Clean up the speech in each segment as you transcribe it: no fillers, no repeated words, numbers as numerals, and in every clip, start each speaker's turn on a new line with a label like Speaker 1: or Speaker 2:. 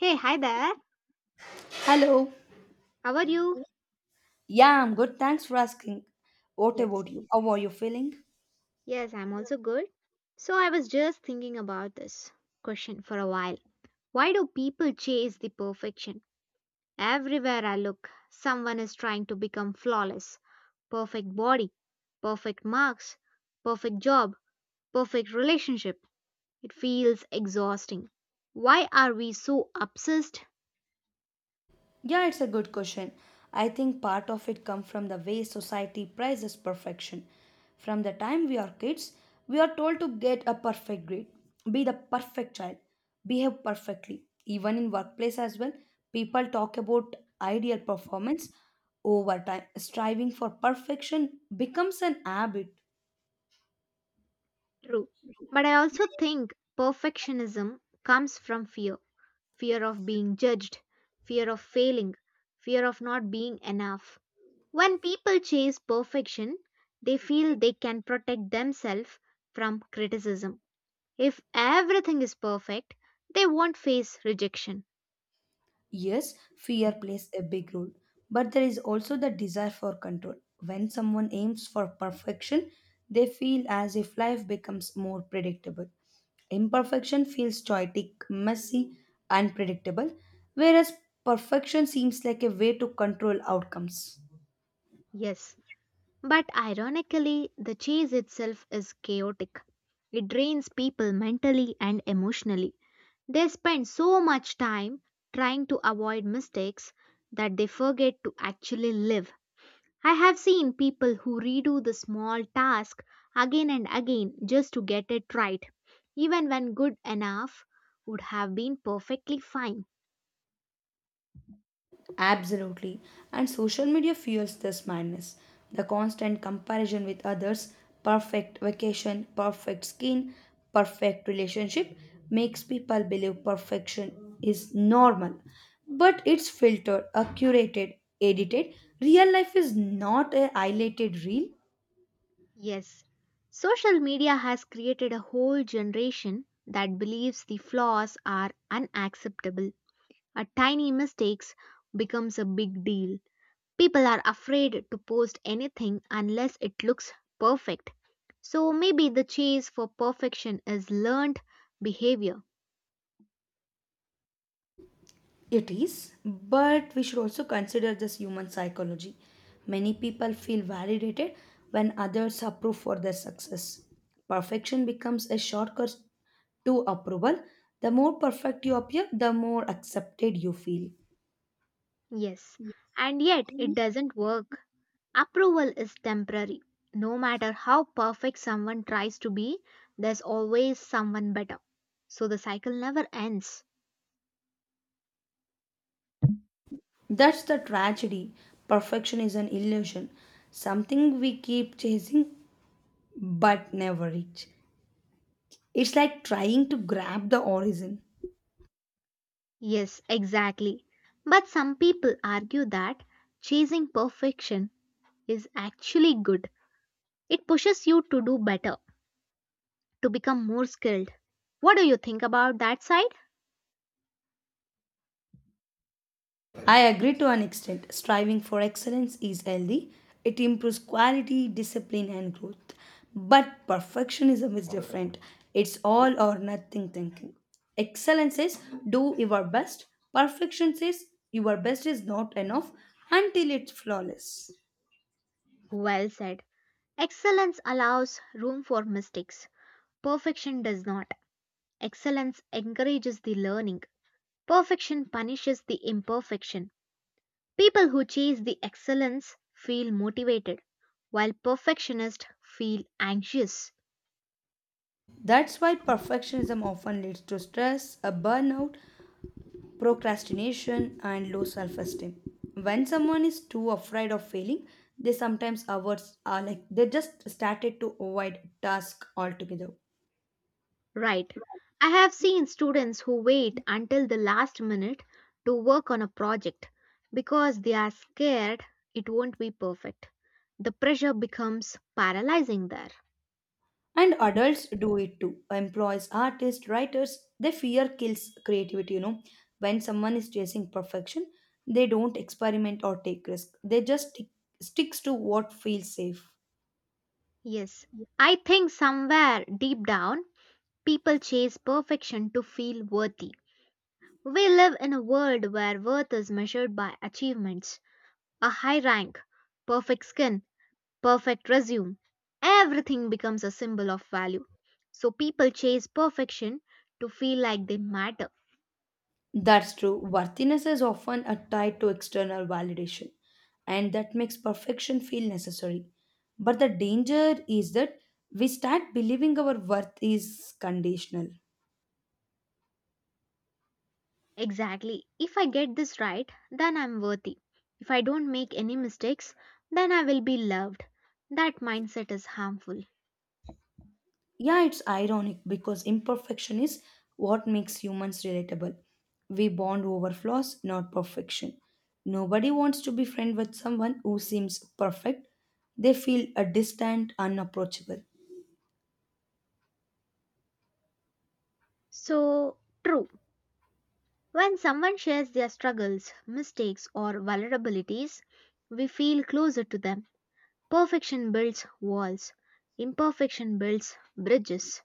Speaker 1: Hey, hi there.
Speaker 2: Hello.
Speaker 1: How are you?
Speaker 2: Yeah, I'm good. Thanks for asking. What
Speaker 1: Yes.
Speaker 2: about you? How are you feeling?
Speaker 1: Yes, I'm also good. So I was just thinking about this question for a while. Why do people chase the perfection? Everywhere I look, someone is trying to become flawless. Perfect body, perfect marks, perfect job, perfect relationship. It feels exhausting. Why are we so obsessed?
Speaker 2: Yeah, it's a good question. I think part of it comes from the way society prizes perfection. From the time we are kids, we are told to get a perfect grade, be the perfect child, behave perfectly. Even in workplace as well, people talk about ideal performance over time. Striving for perfection becomes an habit.
Speaker 1: True. But I also think perfectionism comes from fear. Fear of being judged, fear of failing, fear of not being enough. When people chase perfection, they feel they can protect themselves from criticism. If everything is perfect, they won't face rejection.
Speaker 2: Yes, fear plays a big role, but there is also the desire for control. When someone aims for perfection, they feel as if life becomes more predictable. Imperfection feels chaotic, messy, unpredictable, whereas perfection seems like a way to control outcomes.
Speaker 1: Yes, but ironically, the chase itself is chaotic. It drains people mentally and emotionally. They spend so much time trying to avoid mistakes that they forget to actually live. I have seen people who redo the small task again and again just to get it right, even when good enough would have been perfectly fine.
Speaker 2: Absolutely. And social media fuels this madness. The constant comparison with others, perfect vacation, perfect skin, perfect relationship makes people believe perfection is normal. But it's filtered, curated, edited. Real life is not a highlighted reel.
Speaker 1: Yes, social media has created a whole generation that believes the flaws are unacceptable. A tiny mistake becomes a big deal. People are afraid to post anything unless it looks perfect. So maybe the chase for perfection is learned behavior.
Speaker 2: It is, but we should also consider this human psychology. Many people feel validated when others approve for their success. Perfection becomes a shortcut to approval. The more perfect you appear, the more accepted you feel.
Speaker 1: Yes, and yet it doesn't work. Approval is temporary. No matter how perfect someone tries to be, there's always someone better. So the cycle never ends.
Speaker 2: That's the tragedy. Perfection is an illusion, something we keep chasing but never reach. It's like trying to grab the origin.
Speaker 1: Yes, exactly. But some people argue that chasing perfection is actually good. It pushes you to do better, to become more skilled. What do you think about that side?
Speaker 2: I agree to an extent. Striving for excellence is healthy. It improves quality, discipline, and growth. But perfectionism is different. It's all or nothing thinking. Excellence says, do your best. Perfection says your best is not enough until it's flawless.
Speaker 1: Well said. Excellence allows room for mistakes, perfection does not. Excellence encourages the learning. Perfection punishes the imperfection. People who chase the excellence feel motivated, while perfectionists feel anxious.
Speaker 2: That's why perfectionism often leads to stress, a burnout, procrastination, and low self esteem. When someone is too afraid of failing, they sometimes avoid are like they just started to avoid task altogether.
Speaker 1: Right. I have seen students who wait until the last minute to work on a project because they are scared it won't be perfect. The pressure becomes paralyzing there.
Speaker 2: And adults do it too. Employees, artists, writers, they fear kills creativity. When someone is chasing perfection, they don't experiment or take risk. They just sticks to what feels safe.
Speaker 1: Yes. I think somewhere deep down, people chase perfection to feel worthy. We live in a world where worth is measured by achievements, a high rank, perfect skin, perfect resume. Everything becomes a symbol of value. So people chase perfection to feel like they matter.
Speaker 2: That's true. Worthiness is often tied to external validation, and that makes perfection feel necessary. But the danger is that we start believing our worth is conditional.
Speaker 1: Exactly. If I get this right, then I'm worthy. If I don't make any mistakes, then I will be loved. That mindset is harmful.
Speaker 2: Yeah, it's ironic because imperfection is what makes humans relatable. We bond over flaws, not perfection. Nobody wants to be friends with someone who seems perfect. They feel distant, unapproachable.
Speaker 1: So, true. When someone shares their struggles, mistakes, or vulnerabilities, we feel closer to them. Perfection builds walls, imperfection builds bridges.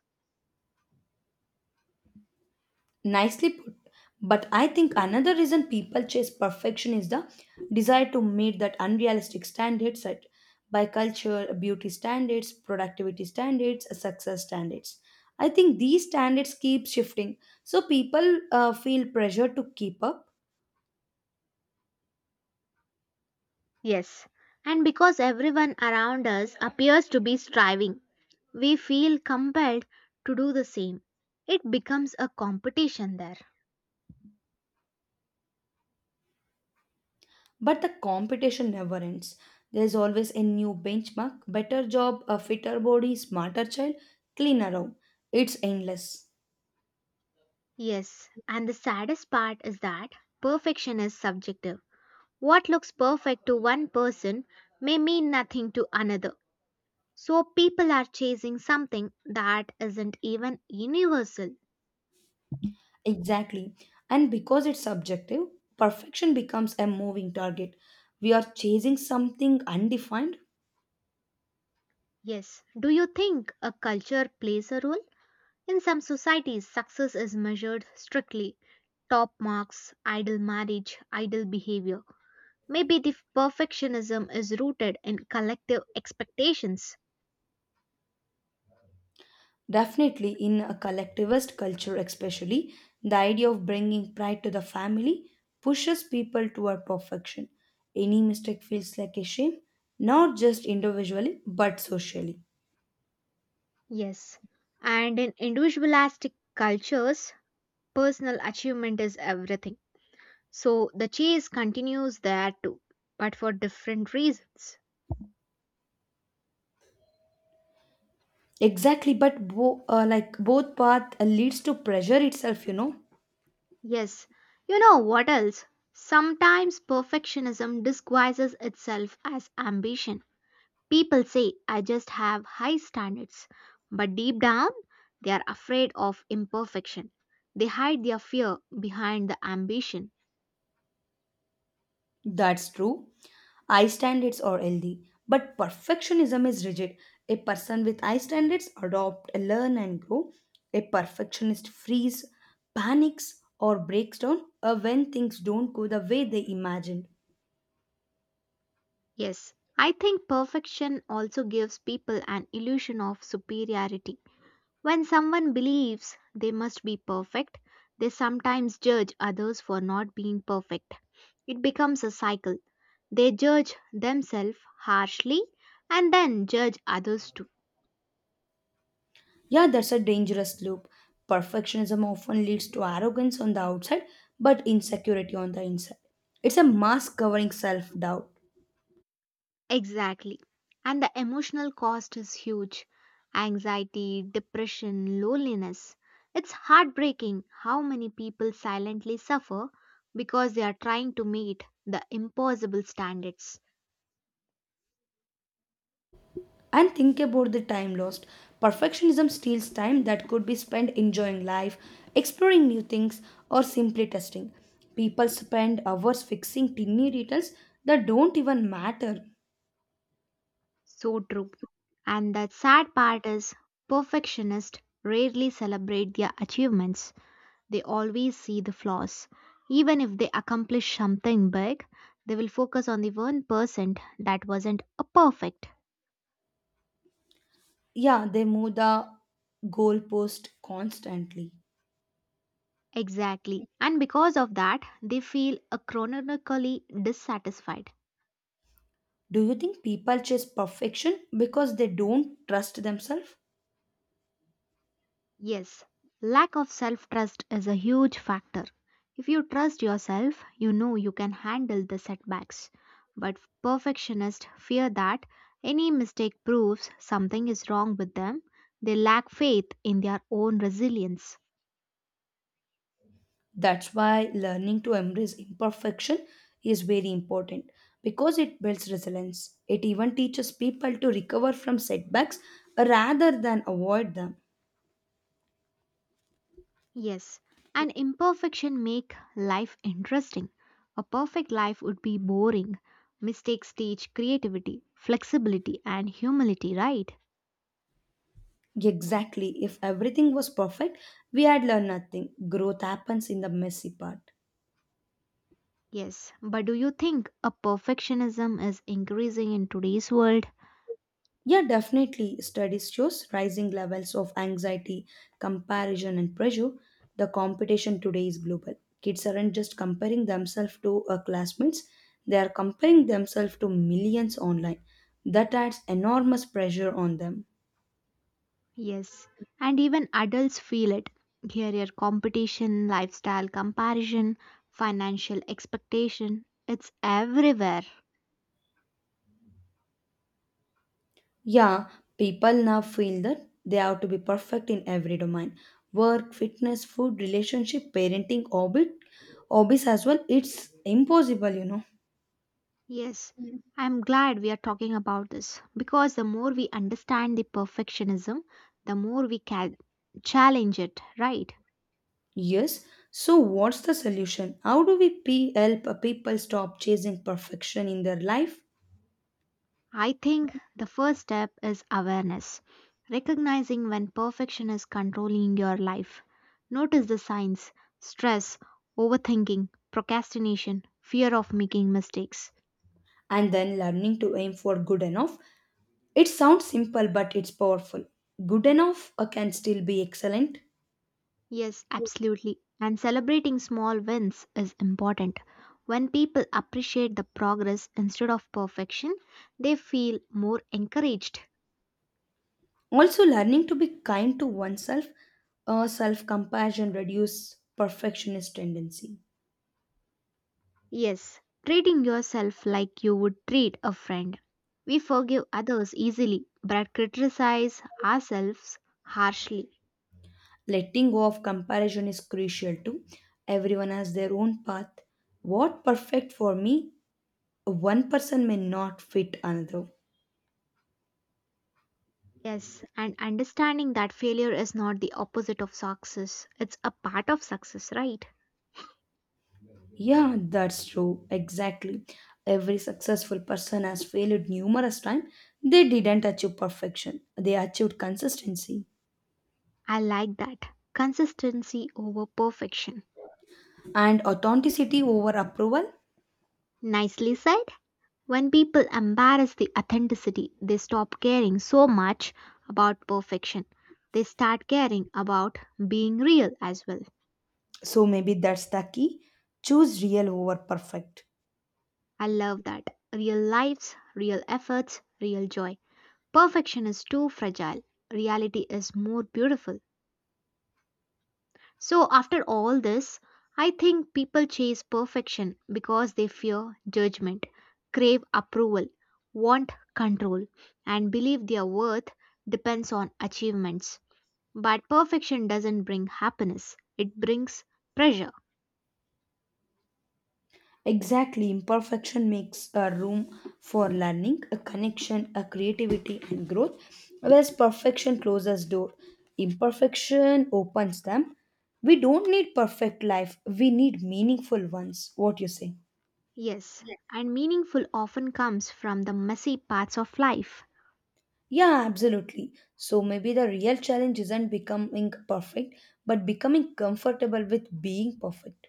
Speaker 2: Nicely put. But I think another reason people chase perfection is the desire to meet that unrealistic standard set by culture, beauty standards, productivity standards, success standards. I think these standards keep shifting, so people feel pressure to keep up.
Speaker 1: Yes, and because everyone around us appears to be striving, we feel compelled to do the same. It becomes a competition there.
Speaker 2: But the competition never ends. There's always a new benchmark, better job, a fitter body, smarter child, cleaner home. It's endless.
Speaker 1: Yes, and the saddest part is that perfection is subjective. What looks perfect to one person may mean nothing to another. So people are chasing something that isn't even universal.
Speaker 2: Exactly. And because it's subjective, perfection becomes a moving target. We are chasing something undefined.
Speaker 1: Yes. Do you think a culture plays a role? In some societies, success is measured strictly top marks, idle marriage, idle behavior. Maybe the perfectionism is rooted in collective expectations.
Speaker 2: Definitely, in a collectivist culture, especially, the idea of bringing pride to the family pushes people toward perfection. Any mistake feels like a shame, not just individually, but socially.
Speaker 1: Yes. And in individualistic cultures, personal achievement is everything. So the chase continues there too, but for different reasons.
Speaker 2: Exactly, but like both path leads to pressure itself.
Speaker 1: Yes, you know what else? Sometimes perfectionism disguises itself as ambition. People say, I just have high standards, but deep down, they are afraid of imperfection. They hide their fear behind the ambition.
Speaker 2: That's true. Eye standards are healthy, but perfectionism is rigid. A person with eye standards adopt, learn, and grow. A perfectionist frees, panics, or breaks down when things don't go the way they imagined.
Speaker 1: Yes, I think perfection also gives people an illusion of superiority. When someone believes they must be perfect, they sometimes judge others for not being perfect. It becomes a cycle. They judge themselves harshly and then judge others too.
Speaker 2: Yeah, that's a dangerous loop. Perfectionism often leads to arrogance on the outside, but insecurity on the inside. It's a mask covering self doubt.
Speaker 1: Exactly. And the emotional cost is huge anxiety, depression, loneliness. It's heartbreaking how many people silently suffer because they are trying to meet the impossible standards.
Speaker 2: And think about the time lost. Perfectionism steals time that could be spent enjoying life, exploring new things, or simply testing. People spend hours fixing tiny details that don't even matter.
Speaker 1: So true. And the sad part is, perfectionists rarely celebrate their achievements. They always see the flaws. Even if they accomplish something big, they will focus on the 1% that wasn't a perfect.
Speaker 2: Yeah, they move the goalpost constantly.
Speaker 1: Exactly. And because of that, they feel a chronically dissatisfied.
Speaker 2: Do you think people chase perfection because they don't trust themselves?
Speaker 1: Yes, lack of self trust is a huge factor. If you trust yourself, you know you can handle the setbacks. But perfectionists fear that any mistake proves something is wrong with them. They lack faith in their own resilience.
Speaker 2: That's why learning to embrace imperfection is very important because it builds resilience. It even teaches people to recover from setbacks rather than avoid them.
Speaker 1: Yes, and imperfection make life interesting. A perfect life would be boring. Mistakes teach creativity, flexibility and humility, right?
Speaker 2: Exactly, if everything was perfect, we had learned nothing. Growth happens in the messy part.
Speaker 1: Yes, but do you think a perfectionism is increasing in today's world?
Speaker 2: Yeah, definitely. Studies shows rising levels of anxiety, comparison, and pressure. The competition today is global. Kids aren't just comparing themselves to classmates, they are comparing themselves to millions online. That adds enormous pressure on them.
Speaker 1: Yes, and even adults feel it. Career competition, lifestyle comparison, financial expectation, it's everywhere.
Speaker 2: Yeah, people now feel that they have to be perfect in every domain work, fitness, food, relationship, parenting, hobbies as well. It's impossible.
Speaker 1: Yes, I'm glad we are talking about this because the more we understand the perfectionism, the more we can challenge it, right?
Speaker 2: Yes. So, what's the solution? How do we help a people stop chasing perfection in their life
Speaker 1: I think the first step is awareness, recognizing when perfection is controlling your life. Notice the signs stress, overthinking, procrastination, fear of making mistakes.
Speaker 2: and then learning to aim for good enough? It sounds simple, but it's powerful. Good enough can still be excellent.
Speaker 1: Yes, absolutely. And celebrating small wins is important. When people appreciate the progress instead of perfection, they feel more encouraged.
Speaker 2: Also, learning to be kind to oneself, self compassion reduce perfectionist tendency.
Speaker 1: Yes, treating yourself like you would treat a friend. We forgive others easily but criticize ourselves harshly.
Speaker 2: Letting go of comparison is crucial too. Everyone has their own path. What perfect for me, one person may not fit another.
Speaker 1: Yes, and understanding that failure is not the opposite of success, it's a part of success, right?
Speaker 2: Yeah, that's true. Exactly. Every successful person has failed numerous times. They didn't achieve perfection. They achieved consistency
Speaker 1: I like that. Consistency over perfection.
Speaker 2: and authenticity over approval.
Speaker 1: Nicely said. When people embarrass the authenticity, they stop caring so much about perfection. They start caring about being real as well.
Speaker 2: So maybe that's the key. Choose real over perfect.
Speaker 1: I love that. Real lives, real efforts, real joy. Perfection is too fragile. Reality is more beautiful. So, after all this, I think people chase perfection because they fear judgment, crave approval, want control, and believe their worth depends on achievements. But perfection doesn't bring happiness, it brings pressure.
Speaker 2: Exactly, imperfection makes a room for learning, a connection, a creativity, and growth, whereas perfection closes door. Imperfection opens them. We don't need perfect life. We need meaningful ones. What you say?
Speaker 1: Yes, and meaningful often comes from the messy parts of life.
Speaker 2: Yeah, absolutely. So maybe the real challenge isn't becoming perfect, but becoming comfortable with being perfect.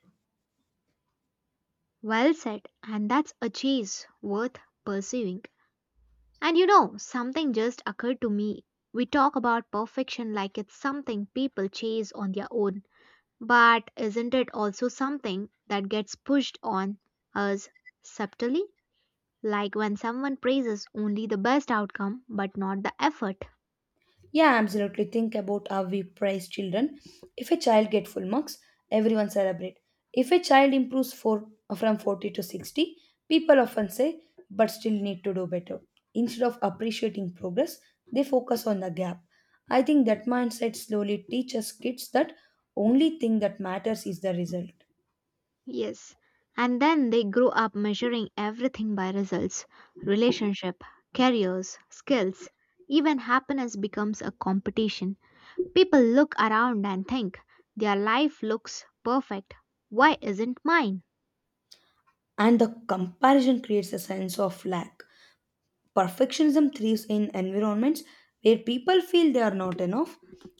Speaker 1: Well said, and that's a chase worth pursuing. And you know, something just occurred to me. We talk about perfection like it's something people chase on their own, but isn't it also something that gets pushed on us subtly? Like when someone praises only the best outcome but not the effort.
Speaker 2: Yeah, absolutely. Think about how we praise children. If a child get full marks, everyone celebrate. If a child improves from 40 to 60, people often say, but still need to do better. Instead of appreciating progress, they focus on the gap. I think that mindset slowly teaches kids that only thing that matters is the result.
Speaker 1: Yes. And then they grow up measuring everything by results, relationship, careers, skills, even happiness becomes a competition. People look around and think, their life looks perfect. Why isn't mine?
Speaker 2: And the comparison creates a sense of lack. Perfectionism thrives in environments where people feel they are not enough.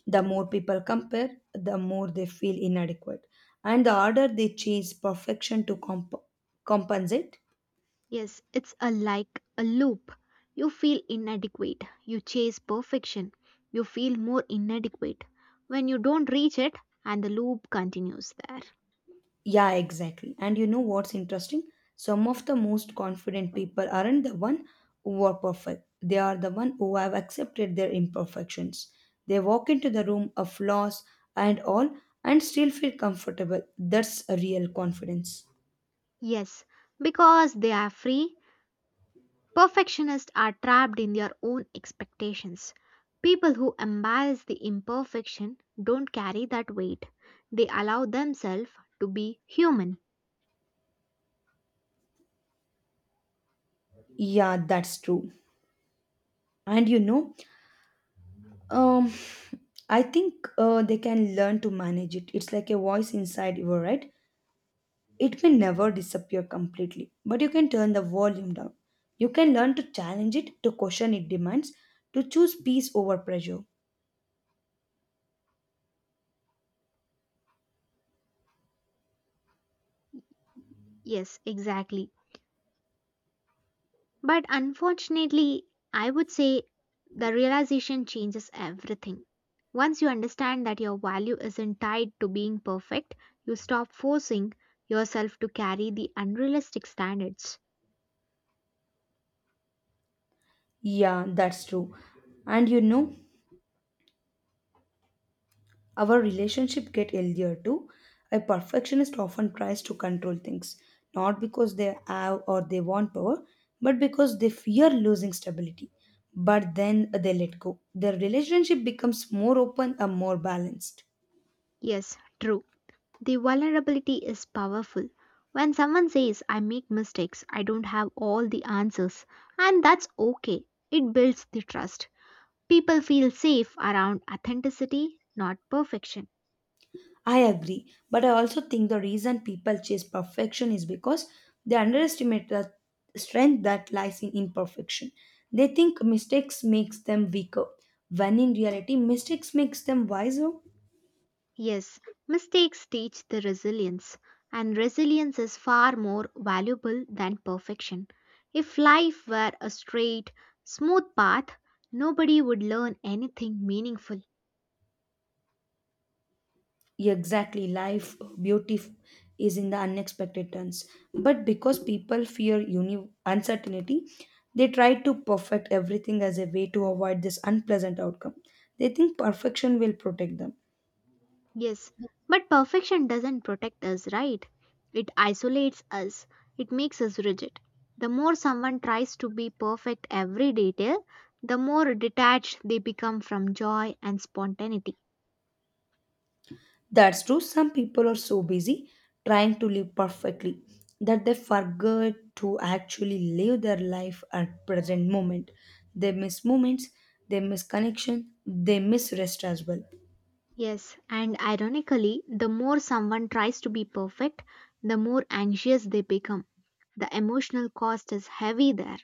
Speaker 2: The more people compare, the more they feel inadequate, and the harder they chase perfection to compensate.
Speaker 1: Yes, it's a like a loop. You feel inadequate. You chase perfection. You feel more inadequate. When you don't reach it, and the loop continues there.
Speaker 2: Yeah, exactly. And you know what's interesting? Some of the most confident people aren't the one who are perfect. They are the one who have accepted their imperfections. They walk into the room of flaws and all and still feel comfortable. That's a real confidence.
Speaker 1: Yes, because they are free, perfectionists are trapped in their own expectations. People who embrace the imperfection don't carry that weight. They allow themselves to be human.
Speaker 2: Yeah, that's true. And um I think, they can learn to manage it. It's like a voice inside you, right? It may never disappear completely, but you can turn the volume down. You can learn to challenge it, to question its demands, to choose peace over pressure.
Speaker 1: Yes, exactly. But unfortunately, I would say the realization changes everything. Once you understand that your value isn't tied to being perfect, you stop forcing yourself to carry the unrealistic standards.
Speaker 2: Yeah, that's true. And our relationship get healthier too. A perfectionist often tries to control things, not because they have or they want power, but because they fear losing stability. But then they let go. Their relationship becomes more open and more balanced.
Speaker 1: Yes, true. The vulnerability is powerful. When someone says, I make mistakes, I don't have all the answers, and that's okay, it builds the trust. People feel safe around authenticity, not perfection.
Speaker 2: I agree, but I also think the reason people chase perfection is because they underestimate the strength that lies in imperfection. They think mistakes makes them weaker, when in reality mistakes makes them wiser.
Speaker 1: Yes, mistakes teach the resilience, and resilience is far more valuable than perfection. If life were a straight, smooth path, nobody would learn anything meaningful.
Speaker 2: Exactly, life beauty is in the unexpected turns. But because people fear uncertainty, they try to perfect everything as a way to avoid this unpleasant outcome. They think perfection will protect them.
Speaker 1: Yes, but perfection doesn't protect us, right? It isolates us, it makes us rigid. The more someone tries to be perfect every detail, the more detached they become from joy and spontaneity.
Speaker 2: That's true, some people are so busy trying to live perfectly that they forget to actually live their life at present moment. They miss moments, they miss connection, they miss rest as well.
Speaker 1: Yes, and ironically, the more someone tries to be perfect, the more anxious they become. The emotional cost is heavy there.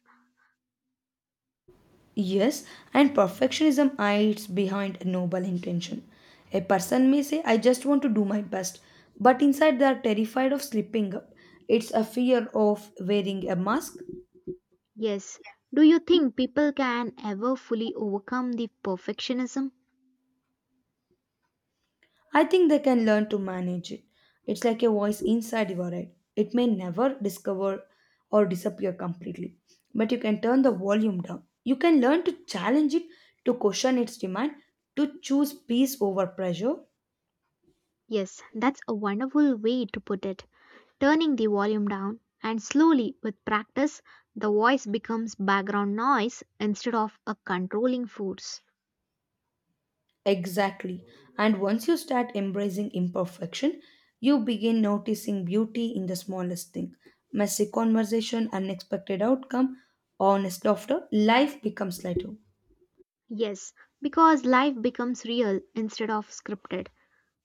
Speaker 2: Yes, and perfectionism hides behind a noble intention. A person may say, I just want to do my best, but inside they are terrified of slipping up. It's a fear of wearing a mask.
Speaker 1: Yes. Do you think people can ever fully overcome the perfectionism?
Speaker 2: I think they can learn to manage it. It's like a voice inside your head. It may never discover or disappear completely, but you can turn the volume down. You can learn to challenge it, to question its demand, to choose peace over pressure.
Speaker 1: Yes, that's a wonderful way to put it. Turning the volume down, and slowly, with practice, the voice becomes background noise instead of a controlling force.
Speaker 2: Exactly. And once you start embracing imperfection, you begin noticing beauty in the smallest thing. Messy conversation, unexpected outcome, honest laughter, life becomes lighter.
Speaker 1: Yes, because life becomes real instead of scripted.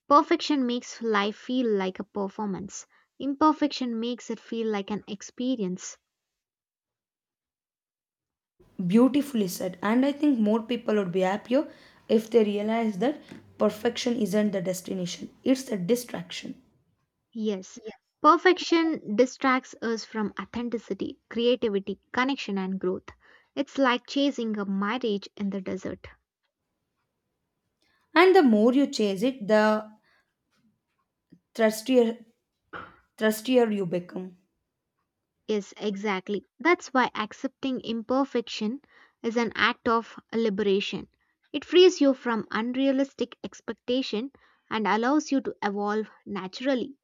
Speaker 1: Perfection makes life feel like a performance. Imperfection makes it feel like an experience.
Speaker 2: Beautifully said. And I think more people would be happier if they realize that perfection isn't the destination, it's the distraction.
Speaker 1: Yes, perfection distracts us from authenticity, creativity, connection, and growth. It's like chasing a mirage in the desert.
Speaker 2: And the more you chase it, the thirstier, thirstier you become.
Speaker 1: Yes, exactly. That's why accepting imperfection is an act of liberation. It frees you from unrealistic expectation and allows you to evolve naturally.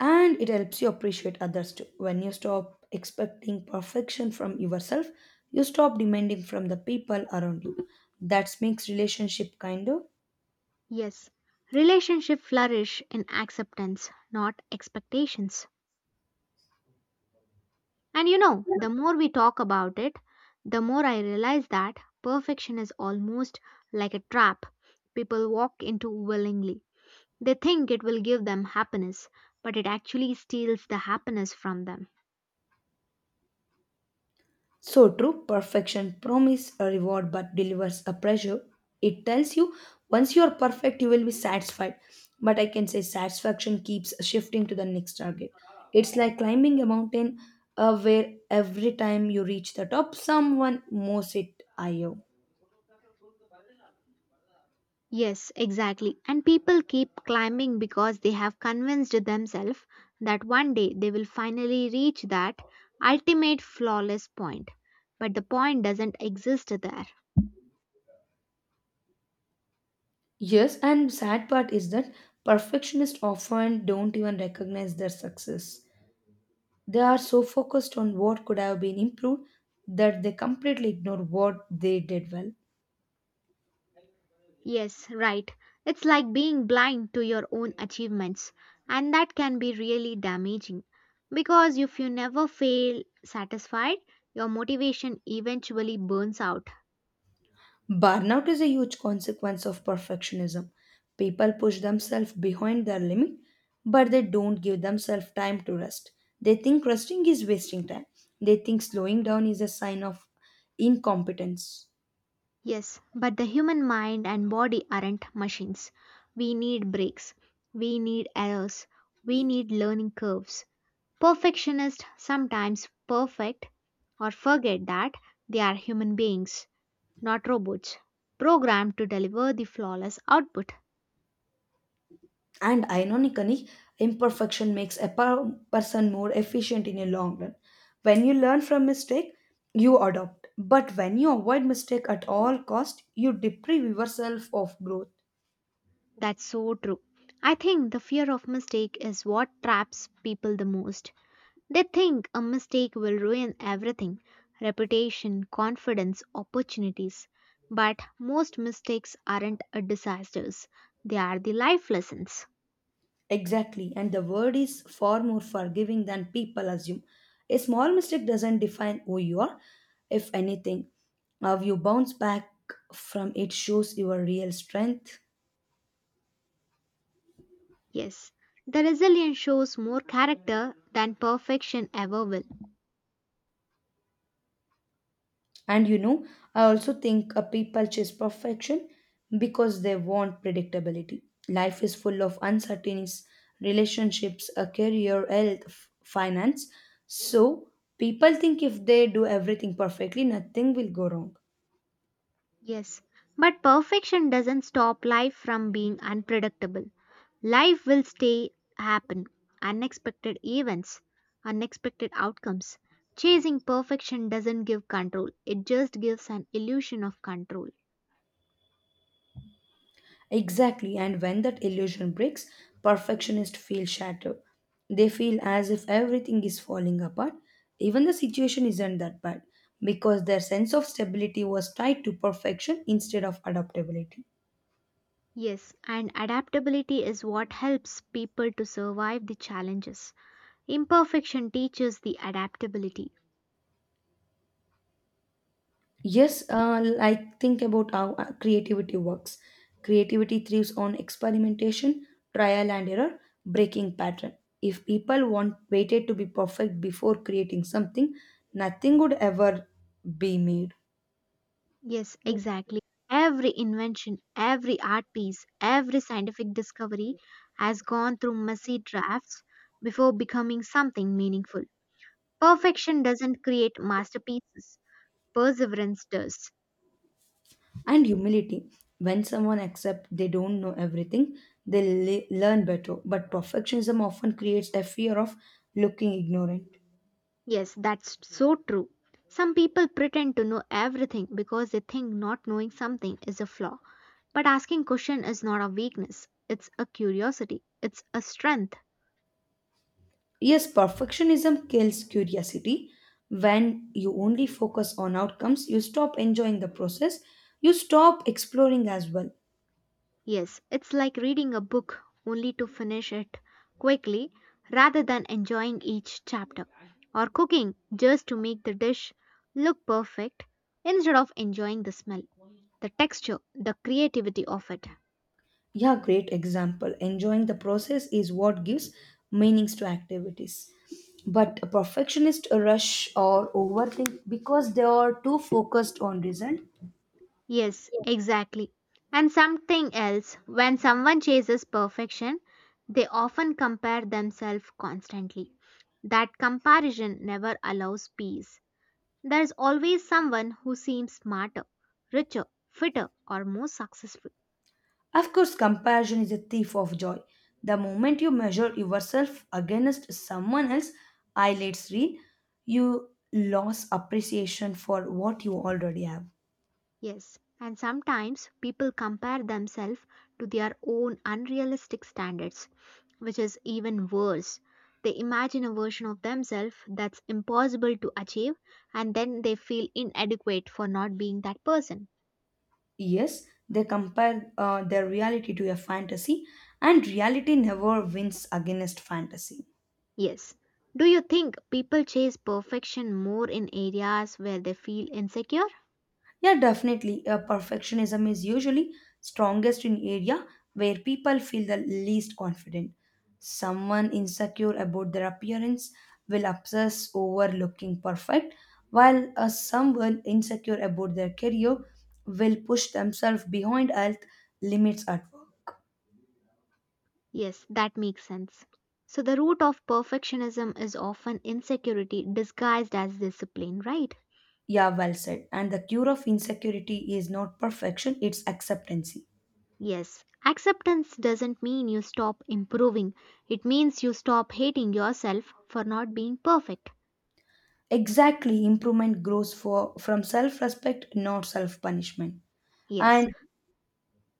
Speaker 2: And it helps you appreciate others too. When you stop expecting perfection from yourself, you stop demanding from the people around you. That makes relationship kinder.
Speaker 1: Yes, relationship flourish in acceptance, not expectations. And you know, the more we talk about it, the more I realize that perfection is almost like a trap people walk into willingly. They think it will give them happiness, but it actually steals the happiness from them.
Speaker 2: So true. Perfection promise a reward but delivers a pressure. It tells you, once you are perfect, you will be satisfied, but I can say satisfaction keeps shifting to the next target. It's like climbing a mountain, where every time you reach the top someone moves it higher.
Speaker 1: Yes, exactly. And people keep climbing because they have convinced themselves that one day they will finally reach that ultimate flawless point. But the point doesn't exist there.
Speaker 2: Yes, and sad part is that perfectionists often don't even recognize their success. They are so focused on what could have been improved that they completely ignore what they did well.
Speaker 1: Yes, right. It's like being blind to your own achievements, and that can be really damaging. Because if you never feel satisfied, your motivation eventually burns out.
Speaker 2: Burnout is a huge consequence of perfectionism. People push themselves behind their limit, but they don't give themselves time to rest. They think resting is wasting time. They think slowing down is a sign of incompetence.
Speaker 1: Yes, but the human mind and body aren't machines. We need breaks. We need errors. We need learning curves. Perfectionists sometimes perfect or forget that they are human beings, not robots, programmed to deliver the flawless output.
Speaker 2: And ironically, imperfection makes a person more efficient in a long run. When you learn from mistake, you adopt. But when you avoid mistake at all cost, you deprive yourself of growth.
Speaker 1: That's so true. I think the fear of mistake is what traps people the most. They think a mistake will ruin everything reputation, confidence, opportunities. But most mistakes aren't a disasters, they are the life lessons.
Speaker 2: Exactly. And the word is far more forgiving than people assume. A small mistake doesn't define who you are. If anything, how you bounce back from it shows your real strength.
Speaker 1: Yes, the resilience shows more character than perfection ever will.
Speaker 2: And I also think people chase perfection because they want predictability. Life is full of uncertainties, relationships, a career, health, finance. So people think if they do everything perfectly, nothing will go wrong.
Speaker 1: Yes, but perfection doesn't stop life from being unpredictable. Life will stay happen. Unexpected events, unexpected outcomes. Chasing perfection doesn't give control, it just gives an illusion of control.
Speaker 2: Exactly, and when that illusion breaks, perfectionists feel shattered. They feel as if everything is falling apart, even the situation isn't that bad, because their sense of stability was tied to perfection instead of adaptability.
Speaker 1: Yes, and adaptability is what helps people to survive the challenges. Imperfection teaches the adaptability.
Speaker 2: Yes, like think about how creativity works. Creativity thrives on experimentation, trial and error, breaking pattern. If people want waited to be perfect before creating something, nothing would ever be made.
Speaker 1: Yes, exactly. Every invention, every art piece, every scientific discovery has gone through messy drafts before becoming something meaningful. Perfection doesn't create masterpieces, perseverance does.
Speaker 2: And humility. When someone accepts they don't know everything, they learn better. But perfectionism often creates a fear of looking ignorant.
Speaker 1: Yes, that's so true. Some people pretend to know everything because they think not knowing something is a flaw. But asking question is not a weakness, it's a curiosity, it's a strength.
Speaker 2: Yes, perfectionism kills curiosity. When you only focus on outcomes, you stop enjoying the process, you stop exploring as well.
Speaker 1: Yes, it's like reading a book only to finish it quickly rather than enjoying each chapter, or cooking just to make the dish look perfect instead of enjoying the smell, the texture, the creativity of it.
Speaker 2: Yeah, great example. Enjoying the process is what gives meanings to activities. But a perfectionist rush or overthink because they are too focused on result.
Speaker 1: Yes, exactly. And something else, when someone chases perfection, they often compare themselves constantly. That comparison never allows peace. There's always someone who seems smarter, richer, fitter, or more successful.
Speaker 2: Of course, comparison is a thief of joy. The moment you measure yourself against someone else, eyelids real, you lose appreciation for what you already have.
Speaker 1: Yes, and sometimes people compare themselves to their own unrealistic standards, which is even worse. They imagine a version of themselves that's impossible to achieve, and then they feel inadequate for not being that person.
Speaker 2: Yes, they compare their reality to a fantasy, and reality never wins against fantasy.
Speaker 1: Yes. Do you think people chase perfection more in areas where they feel insecure?
Speaker 2: Yeah, definitely. Perfectionism is usually strongest in area where people feel the least confident. Someone insecure about their appearance will obsess over looking perfect, while someone insecure about their career will push themselves behind health limits at work.
Speaker 1: Yes, that makes sense. So, the root of perfectionism is often insecurity disguised as discipline, right?
Speaker 2: Yeah, well said. And the cure of insecurity is not perfection, it's acceptance.
Speaker 1: Yes, acceptance doesn't mean you stop improving, it means you stop hating yourself for not being perfect.
Speaker 2: Exactly, improvement grows from self respect, not self punishment.
Speaker 1: Yes.
Speaker 2: And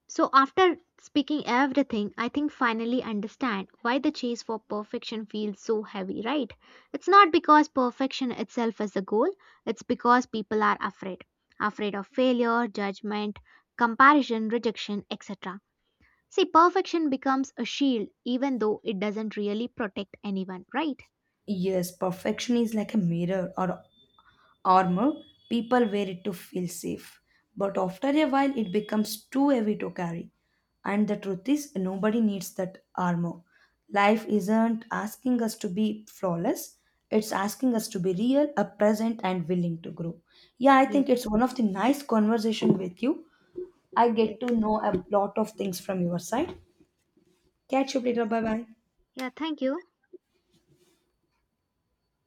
Speaker 1: So after speaking everything, I think finally understand why the chase for perfection feels so heavy, right? It's not because perfection itself is the goal, it's because people are afraid. Afraid of failure, judgment, comparison, rejection, etc. See, perfection becomes a shield even though it doesn't really protect anyone, right?
Speaker 2: yes, perfection is like a mirror or armor. People wear it to feel safe. But after a while, it becomes too heavy to carry. And the truth is, nobody needs that armor. Life isn't asking us to be flawless, it's asking us to be real, a present, and willing to grow. Yeah, I
Speaker 1: Yes,
Speaker 2: think it's one of the nice conversation with you. I
Speaker 1: yes,
Speaker 2: get to know a lot of things from your side. Catch you
Speaker 1: yes.
Speaker 2: later. Bye bye.
Speaker 1: Yeah, thank you.